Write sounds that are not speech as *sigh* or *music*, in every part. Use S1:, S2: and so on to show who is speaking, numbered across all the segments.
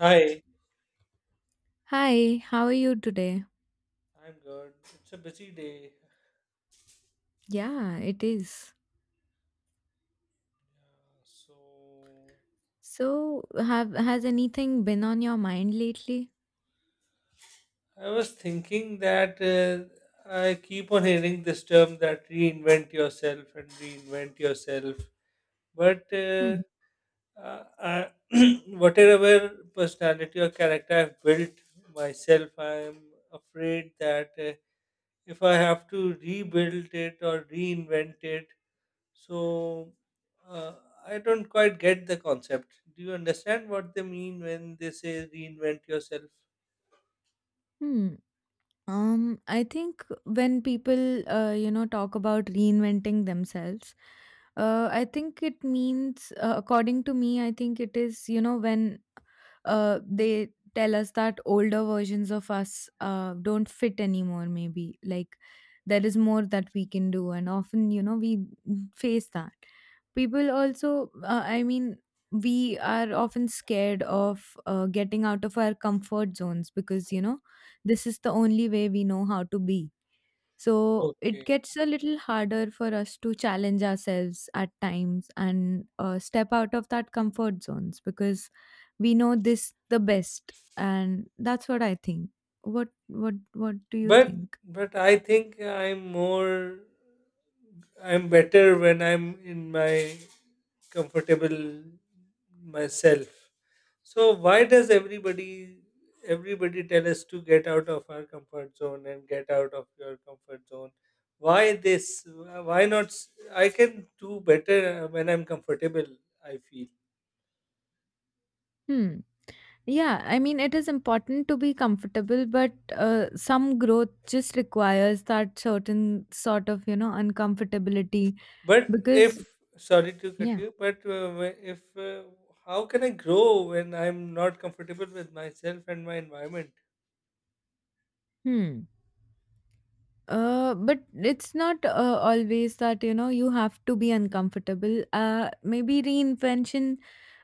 S1: Hi,
S2: Hi, how are you today?
S1: I'm good. It's a busy day.
S2: Yeah, it is.
S1: Yeah, so
S2: So, have has anything been on your mind lately?
S1: I was thinking that I keep on hearing this term that reinvent yourself and reinvent yourself. But uh, uh, *clears throat* whatever personality or character I've built myself, I'm afraid that if I have to rebuild it or reinvent it, So uh, I don't quite get the concept. Do you understand what they mean when they say reinvent yourself?
S2: Hmm. I think when people, talk about reinventing themselves, I think it means, according to me, I think it is, when they tell us that older versions of us don't fit anymore, maybe like there is more that we can do, and often, we face that. People also, we are often scared of getting out of our comfort zones because, this is the only way we know how to be. So it
S1: Okay.
S2: gets a little harder for us to challenge ourselves at times and step out of that comfort zones because we know this the best, and that's what I think. What do you
S1: But
S2: think?
S1: but I think I'm more, I'm better when I'm in my comfortable myself. So why does everybody tell us to get out of our comfort zone and get out of your comfort zone? Why this? Why not? I can do better when I'm comfortable, I feel.
S2: Hmm. Yeah, I mean it is important to be comfortable, but some growth just requires that certain sort of uncomfortability
S1: But
S2: because
S1: if Sorry to cut
S2: yeah.
S1: you, but wh- if how can I grow when I'm not comfortable with myself and my environment?
S2: Hmm. But it's not always that you have to be uncomfortable. Maybe reinvention,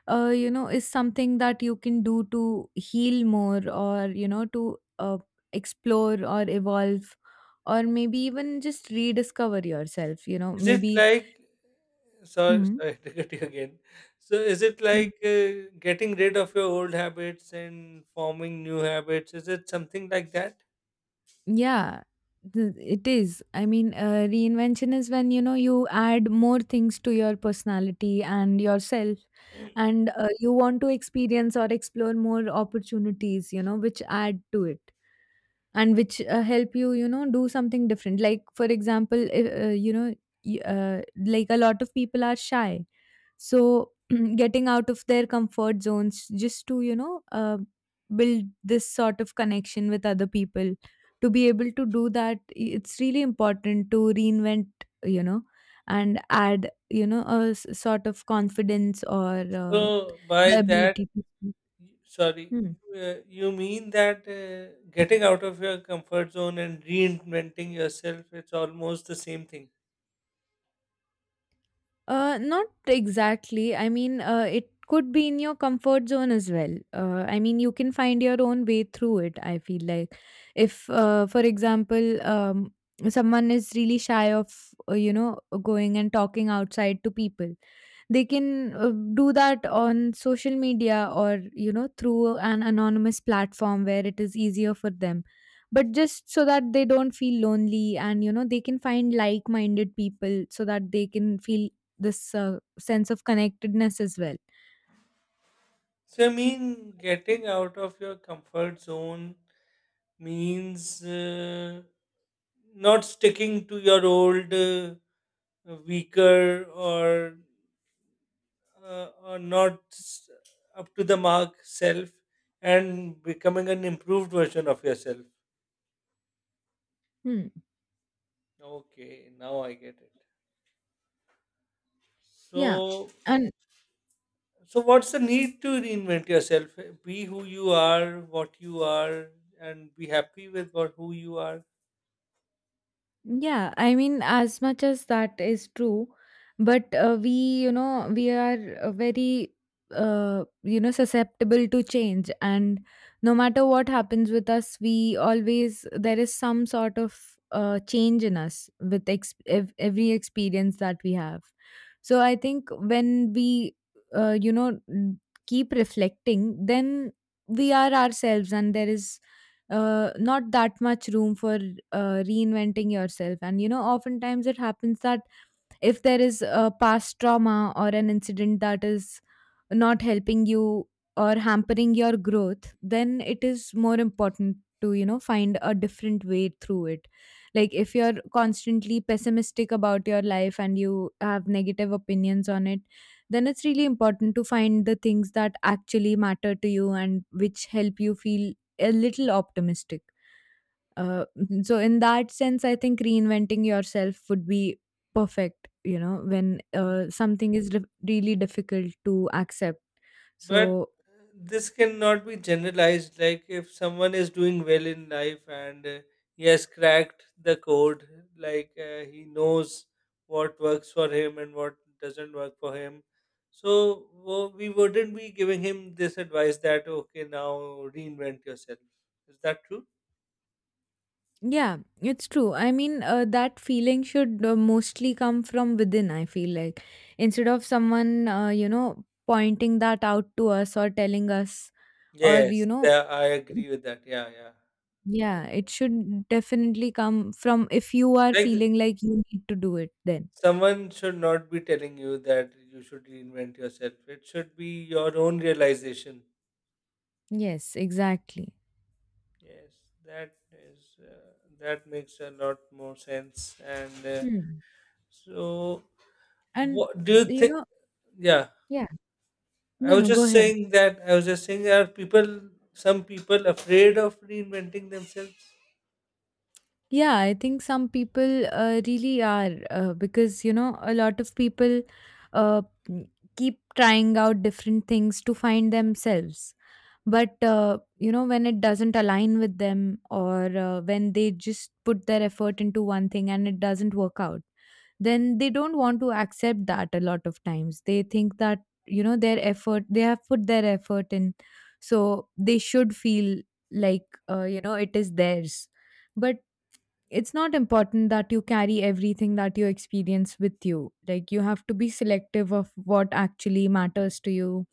S2: is something that you can do to heal more, or to explore or evolve, or maybe even just rediscover yourself. You know,
S1: Is it
S2: maybe.
S1: like Sorry,
S2: Hmm.
S1: *laughs* sorry to cut you again. So is it like getting rid of your old habits and forming new habits? Is it something like that?
S2: Yeah, it is. I mean, reinvention is when you add more things to your personality and yourself, and you want to experience or explore more opportunities, which add to it and which help you, do something different. Like, for example, like a lot of people are shy so, *clears throat* getting out of their comfort zones just to, build this sort of connection with other people. To be able to do that, it's really important to reinvent, you know, and add, a sort of confidence or
S1: So by
S2: the
S1: that,
S2: ability to speak.
S1: sorry,
S2: Hmm.
S1: you mean that getting out of your comfort zone and reinventing yourself, it's almost the same thing.
S2: Not exactly. I mean, it could be in your comfort zone as well. I mean, you can find your own way through it. I feel like if, for example, someone is really shy of, going and talking outside to people, they can do that on social media or through an anonymous platform where it is easier for them, but just so that they don't feel lonely and they can find like-minded people so that they can feel this sense of connectedness as well.
S1: So, I mean, getting out of your comfort zone means not sticking to your old weaker or not s- up to the mark self, and becoming an improved version of yourself.
S2: Hmm.
S1: Okay, now I get it.
S2: Yeah.
S1: So,
S2: and
S1: so what's the need to reinvent yourself? Be who you are, what you are, and be happy with what who you are.
S2: Yeah, I mean, as much as that is true, but we, you know, we are very, you know, susceptible to change. And no matter what happens with us, we always, there is some sort of change in us with ex- ev- every experience that we have. So I think when we, you know, n- keep reflecting, then we are ourselves and there is not that much room for reinventing yourself. And oftentimes it happens that if there is a past trauma or an incident that is not helping you or hampering your growth, then it is more important to you know find a different way through it like if you're constantly pessimistic about your life and you have negative opinions on it then it's really important to find the things that actually matter to you and which help you feel a little optimistic *laughs* mhm, so in that sense, I think reinventing yourself would be perfect, you know, when something is re- really difficult to accept.
S1: But
S2: So,
S1: this cannot be generalized. Like if someone is doing well in life and he has cracked the code, like he knows what works for him and what doesn't work for him. So we wouldn't be giving him this advice that, okay, now reinvent yourself. Is that true?
S2: yeah, it's true. I mean, that feeling should mostly come from within, I feel like, instead of someone, you know, pointing that out to us or telling us, or, you
S1: Yes,
S2: know,
S1: yeah, I agree with that. Yeah, yeah. I,
S2: yeah, it should definitely come from if you are
S1: like,
S2: feeling like you need to do it, then.
S1: someone should not be telling you that you should reinvent yourself. It should be your own realization.
S2: Yes, exactly.
S1: Yes, that is that makes a lot more sense. And
S2: Hmm.
S1: so,
S2: And
S1: what do you
S2: you
S1: think?
S2: know.
S1: Yeah,
S2: Yeah.
S1: I
S2: no,
S1: was
S2: no, go
S1: just
S2: ahead.
S1: saying that. I was just saying, are people some people afraid of reinventing themselves?
S2: Yeah, I think some people really are because a lot of people uh, keep trying out different things to find themselves. But, when it doesn't align with them or when they just put their effort into one thing and it doesn't work out, then they don't want to accept that a lot of times. They think that, their effort, they have put their effort in. So they should feel like, it is theirs. But it's not important that you carry everything that you experience with you. Like, you have to be selective of what actually matters to you,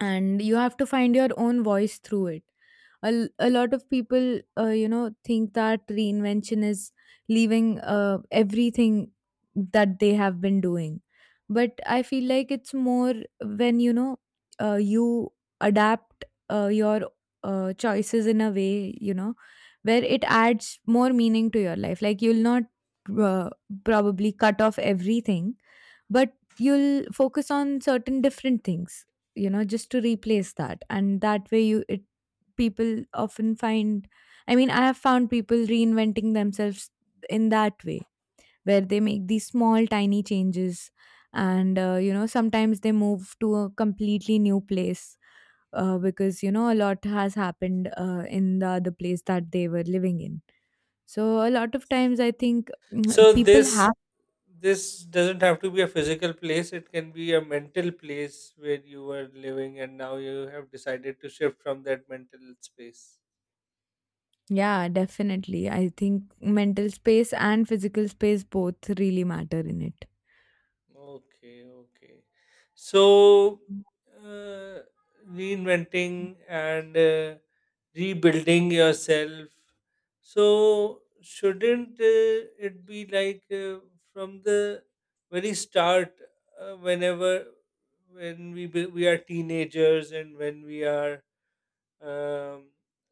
S2: and you have to find your own voice through it. A lot of people think that reinvention is leaving everything that they have been doing, but I feel like it's more when you adapt your choices in a way, where it adds more meaning to your life. Like you'll not uh, probably cut off everything, but you'll focus on certain different things, just to replace that. And that way you it people often find, I mean I have found people reinventing themselves in that way, where they make these small tiny changes, and sometimes they move to a completely new place, because a lot has happened in the other place that they were living in. So a lot of times I think
S1: So
S2: people
S1: this
S2: have.
S1: this doesn't have to be a physical place. It can be a mental place where you were living, and now you have decided to shift from that mental space.
S2: Yeah, definitely. I think mental space and physical space both really matter in it.
S1: Okay, okay. So, uh, reinventing and rebuilding yourself. So, shouldn't it be like from the very start, uh, whenever when we are teenagers and when we are um,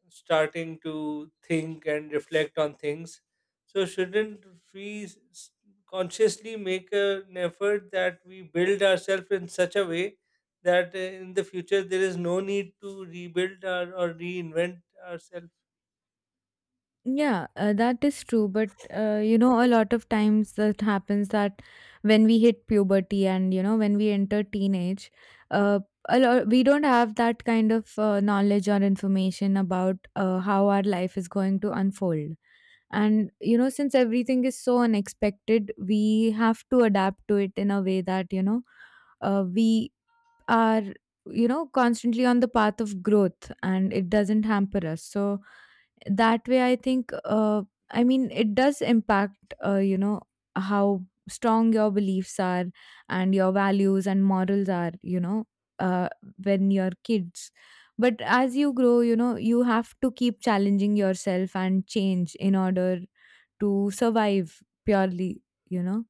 S1: starting to think and reflect on things. So, shouldn't we consciously make an effort that we build ourselves in such a way that in the future there is no need to rebuild our, or reinvent ourselves?
S2: Yeah, that is true. But a lot of times that happens that when we hit puberty and when we enter teenage, uh, a lot we don't have that kind of knowledge or information about how our life is going to unfold. And since everything is so unexpected, we have to adapt to it in a way that we are constantly on the path of growth and it doesn't hamper us. So that way I think I mean it does impact, how strong your beliefs are and your values and morals are, uh, when you're kids. But as you grow, you have to keep challenging yourself and change in order to survive purely, you know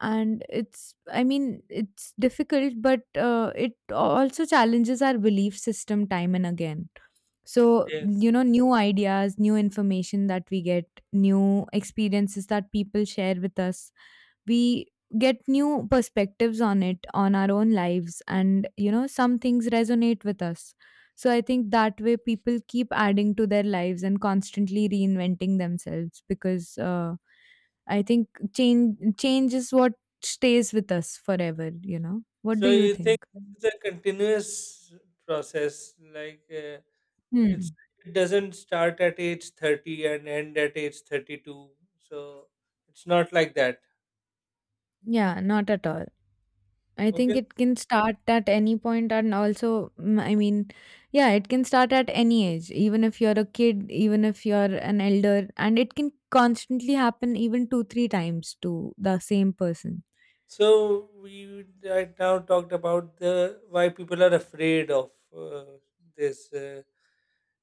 S2: and it's, I mean it's difficult, but it also challenges our belief system time and again. So
S1: Yes.
S2: new ideas, new information that we get, new experiences that people share with us, we get new perspectives on it, on our own lives, and some things resonate with us. So I think that way people keep adding to their lives and constantly reinventing themselves, because I think change is what stays with us forever, you know. What
S1: So,
S2: do you
S1: you think
S2: think?
S1: this is a continuous process? Like, it's,
S2: Hmm.
S1: it doesn't start at age 30 and end at age 32. So, it's not like that.
S2: Yeah, not at all. I think
S1: Okay.
S2: it can start at any point, and also, I mean, yeah, it can start at any age, even if you're a kid, even if you're an elder, and it can constantly happen even two, three times to the same person.
S1: So we right now talked about the why people are afraid of uh, this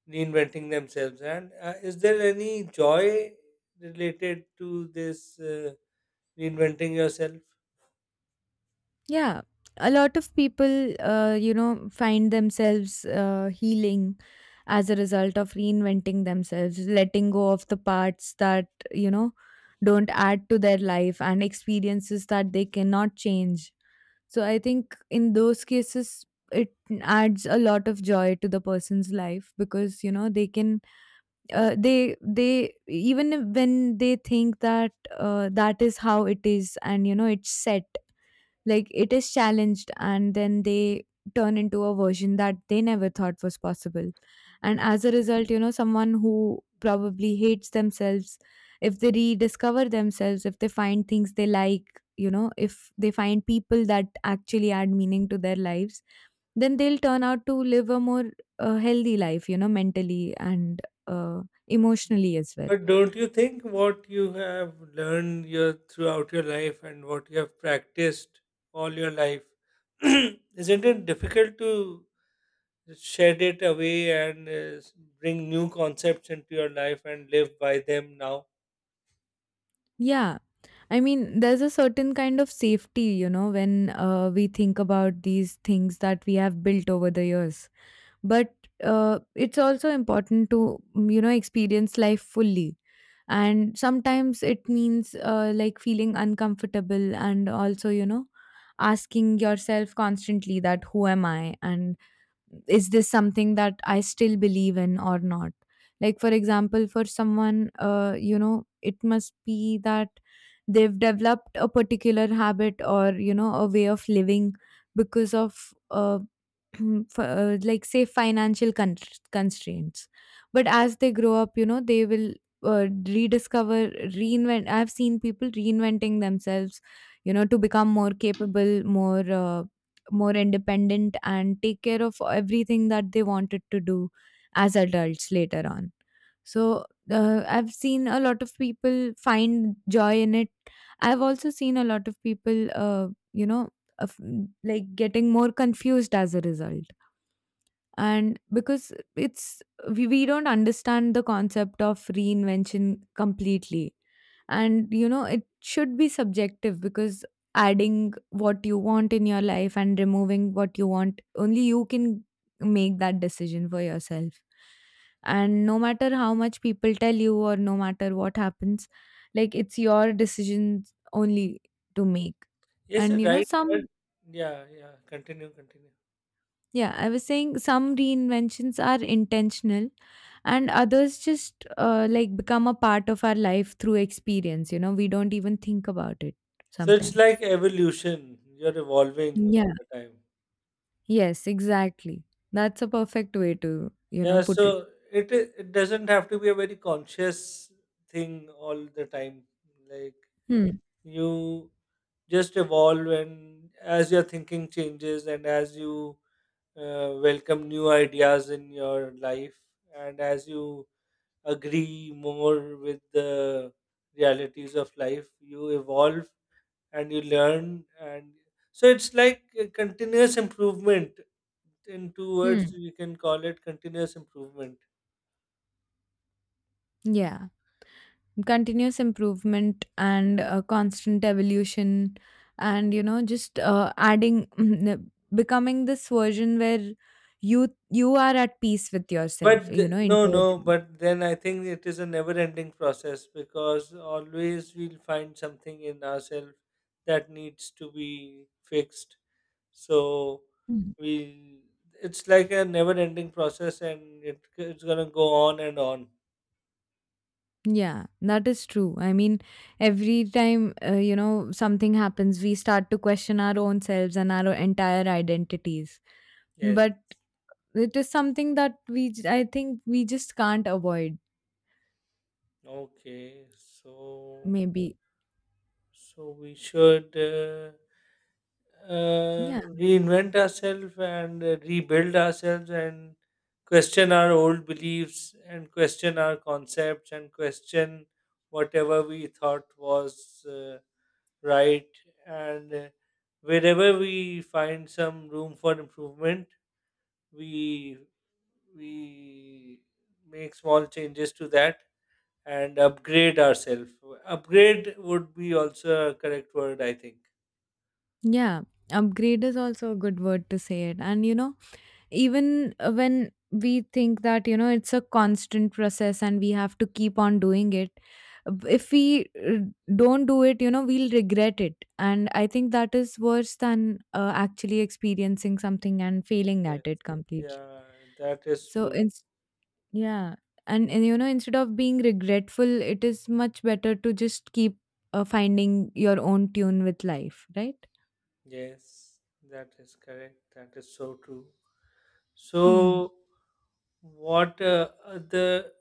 S1: reinventing themselves, and is there any joy related to this reinventing yourself?
S2: Yeah, a lot of people, find themselves healing as a result of reinventing themselves, letting go of the parts that, don't add to their life and experiences that they cannot change. So I think in those cases, it adds a lot of joy to the person's life, because they can they even when they think that that is how it is and it's set, like it is challenged and then they turn into a version that they never thought was possible. And as a result, someone who probably hates themselves, if they rediscover themselves, if they find things they like, if they find people that actually add meaning to their lives, then they'll turn out to live a more healthy life, mentally and uh, emotionally as well.
S1: But don't you think what you have learned your throughout your life, and what you have practiced all your life, *clears throat* isn't it difficult to shed it away and s- bring new concepts into your life and live by them now?
S2: Yeah. I mean, there's a certain kind of safety, when we think about these things that we have built over the years. But it's also important to, experience life fully. And sometimes it means like feeling uncomfortable and also, asking yourself constantly that who am I? And is this something that I still believe in or not? Like, for example, for someone, it must be that they've developed a particular habit or, a way of living because of *clears throat* like say financial constraints. But as they grow up, they will uh, rediscover, reinvent. I've seen people reinventing themselves, to become more capable, more more independent, and take care of everything that they wanted to do as adults later on. So I've seen a lot of people find joy in it. I've also seen a lot of people uh, you know of, like getting more confused as a result. And because it's, we don't understand the concept of reinvention completely. And it should be subjective, because adding what you want in your life and removing what you want, only you can make that decision for yourself. And no matter how much people tell you or no matter what happens, like, it's your decision only to make.
S1: Yes, you're
S2: And
S1: right. But
S2: some,
S1: yeah, yeah. Continue, continue.
S2: yeah, I was saying some reinventions are intentional, and others just like become a part of our life through experience. We don't even think about it
S1: So it's like
S2: sometimes.
S1: evolution. You're evolving all
S2: Yeah,
S1: the time.
S2: yes, exactly. That's a perfect way to,
S1: Yeah. So
S2: put it.
S1: it doesn't have to be a very conscious thing all the time. Like,
S2: Hmm.
S1: you just evolve, and as your thinking changes, and as you welcome new ideas in your life, and as you agree more with the realities of life, you evolve and you learn. And so it's like a continuous improvement. In two words,
S2: Hmm.
S1: you can call it continuous improvement.
S2: Yeah, continuous improvement and constant evolution. And just adding *clears throat* becoming this version where you are at peace with yourself,
S1: but th- no, no,
S2: internally.
S1: but then I think it is a never ending process, because always we'll find something in ourselves that needs to be fixed. So
S2: Hmm.
S1: we, it's like a never ending process, and it, it's gonna go on and on.
S2: Yeah, that is true. I mean, every time, something happens, we start to question our own selves and our entire identities.
S1: Yes.
S2: But it is something that I think, we just can't avoid,
S1: Okay, so,
S2: maybe.
S1: so we should
S2: Yeah.
S1: reinvent ourselves and rebuild ourselves and question our old beliefs and question our concepts and question whatever we thought was right, and wherever we find some room for improvement, we we make small changes to that and upgrade ourselves. Upgrade would be also a correct word, I think.
S2: Yeah. Upgrade is also a good word to say it. And, you know, even when we think that, it's a constant process and we have to keep on doing it, if we don't do it, we'll regret it. And I think that is worse than actually experiencing something and failing
S1: Yes.
S2: at it completely.
S1: Yeah, that is
S2: So
S1: true.
S2: it's, yeah, and instead of being regretful, it is much better to just keep finding your own tune with life, right?
S1: Yes, that is correct. That is so true.
S2: Hmm.
S1: So, what are the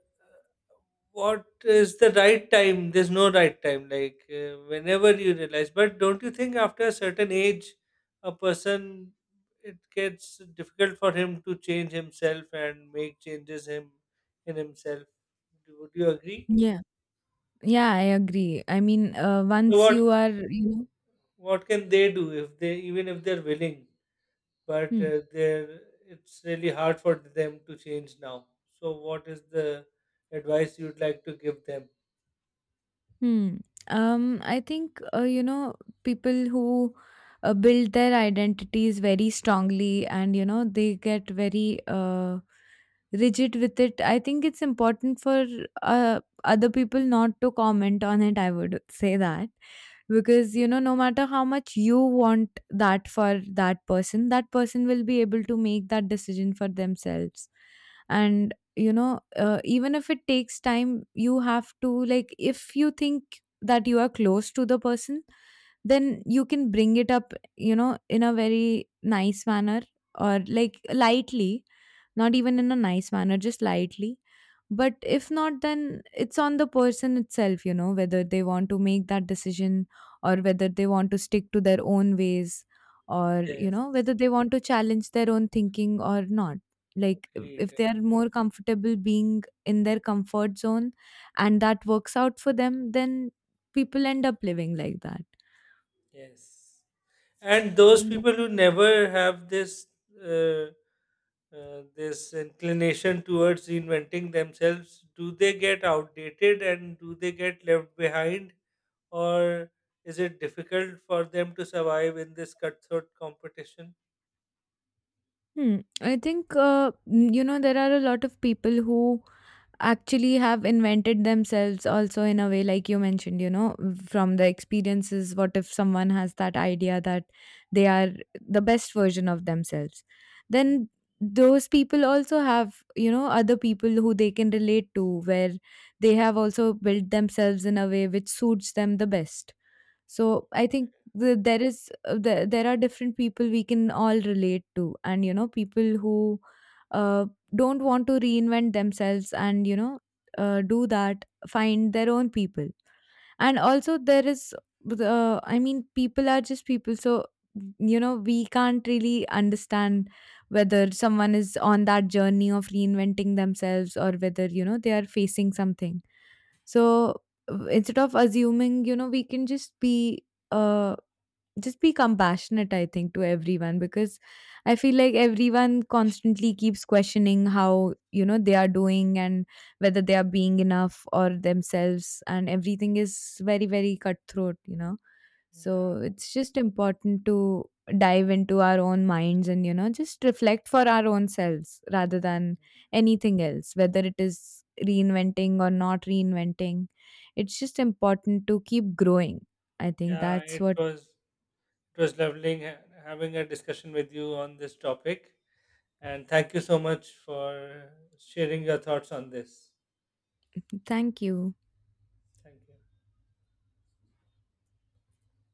S1: what is the right time? There's no right time. Like, whenever you realize, but don't you think after a certain age, a person, it gets difficult for him to change himself and make changes him in himself. Do- Would you agree?
S2: Yeah, yeah, I agree. I mean,
S1: So
S2: once
S1: what
S2: you are,
S1: what can they do if they, even if they're willing? But
S2: Hmm.
S1: they're, it's really hard for them to change now. So, what is the advice you'd like to give them?
S2: Hmm. I think people who build their identities very strongly, and they get very rigid with it. I think it's important for other people not to comment on it. I would say that because, no matter how much you want that for that person, that person will be able to make that decision for themselves. And even if it takes time, you have to, like, if you think that you are close to the person, then you can bring it up, in a very nice manner, or like, lightly. Not even in a nice manner, just lightly. But if not, then it's on the person itself, you know, whether they want to make that decision, or whether they want to stick to their own ways, or, you
S1: Yes,
S2: know, whether they want to challenge their own thinking or not. Like, if
S1: agreed.
S2: if they are more comfortable being in their comfort zone and that works out for them, then people end up living like that.
S1: Yes, and those
S2: Yeah.
S1: people who never have this uh, this inclination towards reinventing themselves, do they get outdated and do they get left behind, or is it difficult for them to survive in this cutthroat competition?
S2: Hmm. I think there are a lot of people who actually have invented themselves also in a way, like you mentioned, from the experiences. What if someone has that idea that they are the best version of themselves? Then those people also have, other people who they can relate to, where they have also built themselves in a way which suits them the best.
S1: Mm.
S2: So I think there is there are different people we can all relate to, and people who uh, don't want to reinvent themselves and do that find their own people. And also there is the I mean, people are just people, so we can't really understand whether someone is on that journey of reinventing themselves, or whether, they are facing something. So, instead of assuming, we can uh just be compassionate, I think, to everyone. Because I feel like everyone constantly keeps questioning how, they are doing, and whether they are being enough or themselves, and everything is very, very cutthroat,
S1: Yeah,
S2: so it's just important to dive into our own minds and, just reflect for our own selves rather than anything else, whether it is reinventing or not reinventing. It's just important to keep growing. I think
S1: yeah,
S2: that's
S1: it
S2: what.
S1: was it was lovely having a discussion with you on this topic. And thank you so much for sharing your thoughts on this.
S2: Thank you.
S1: Thank you.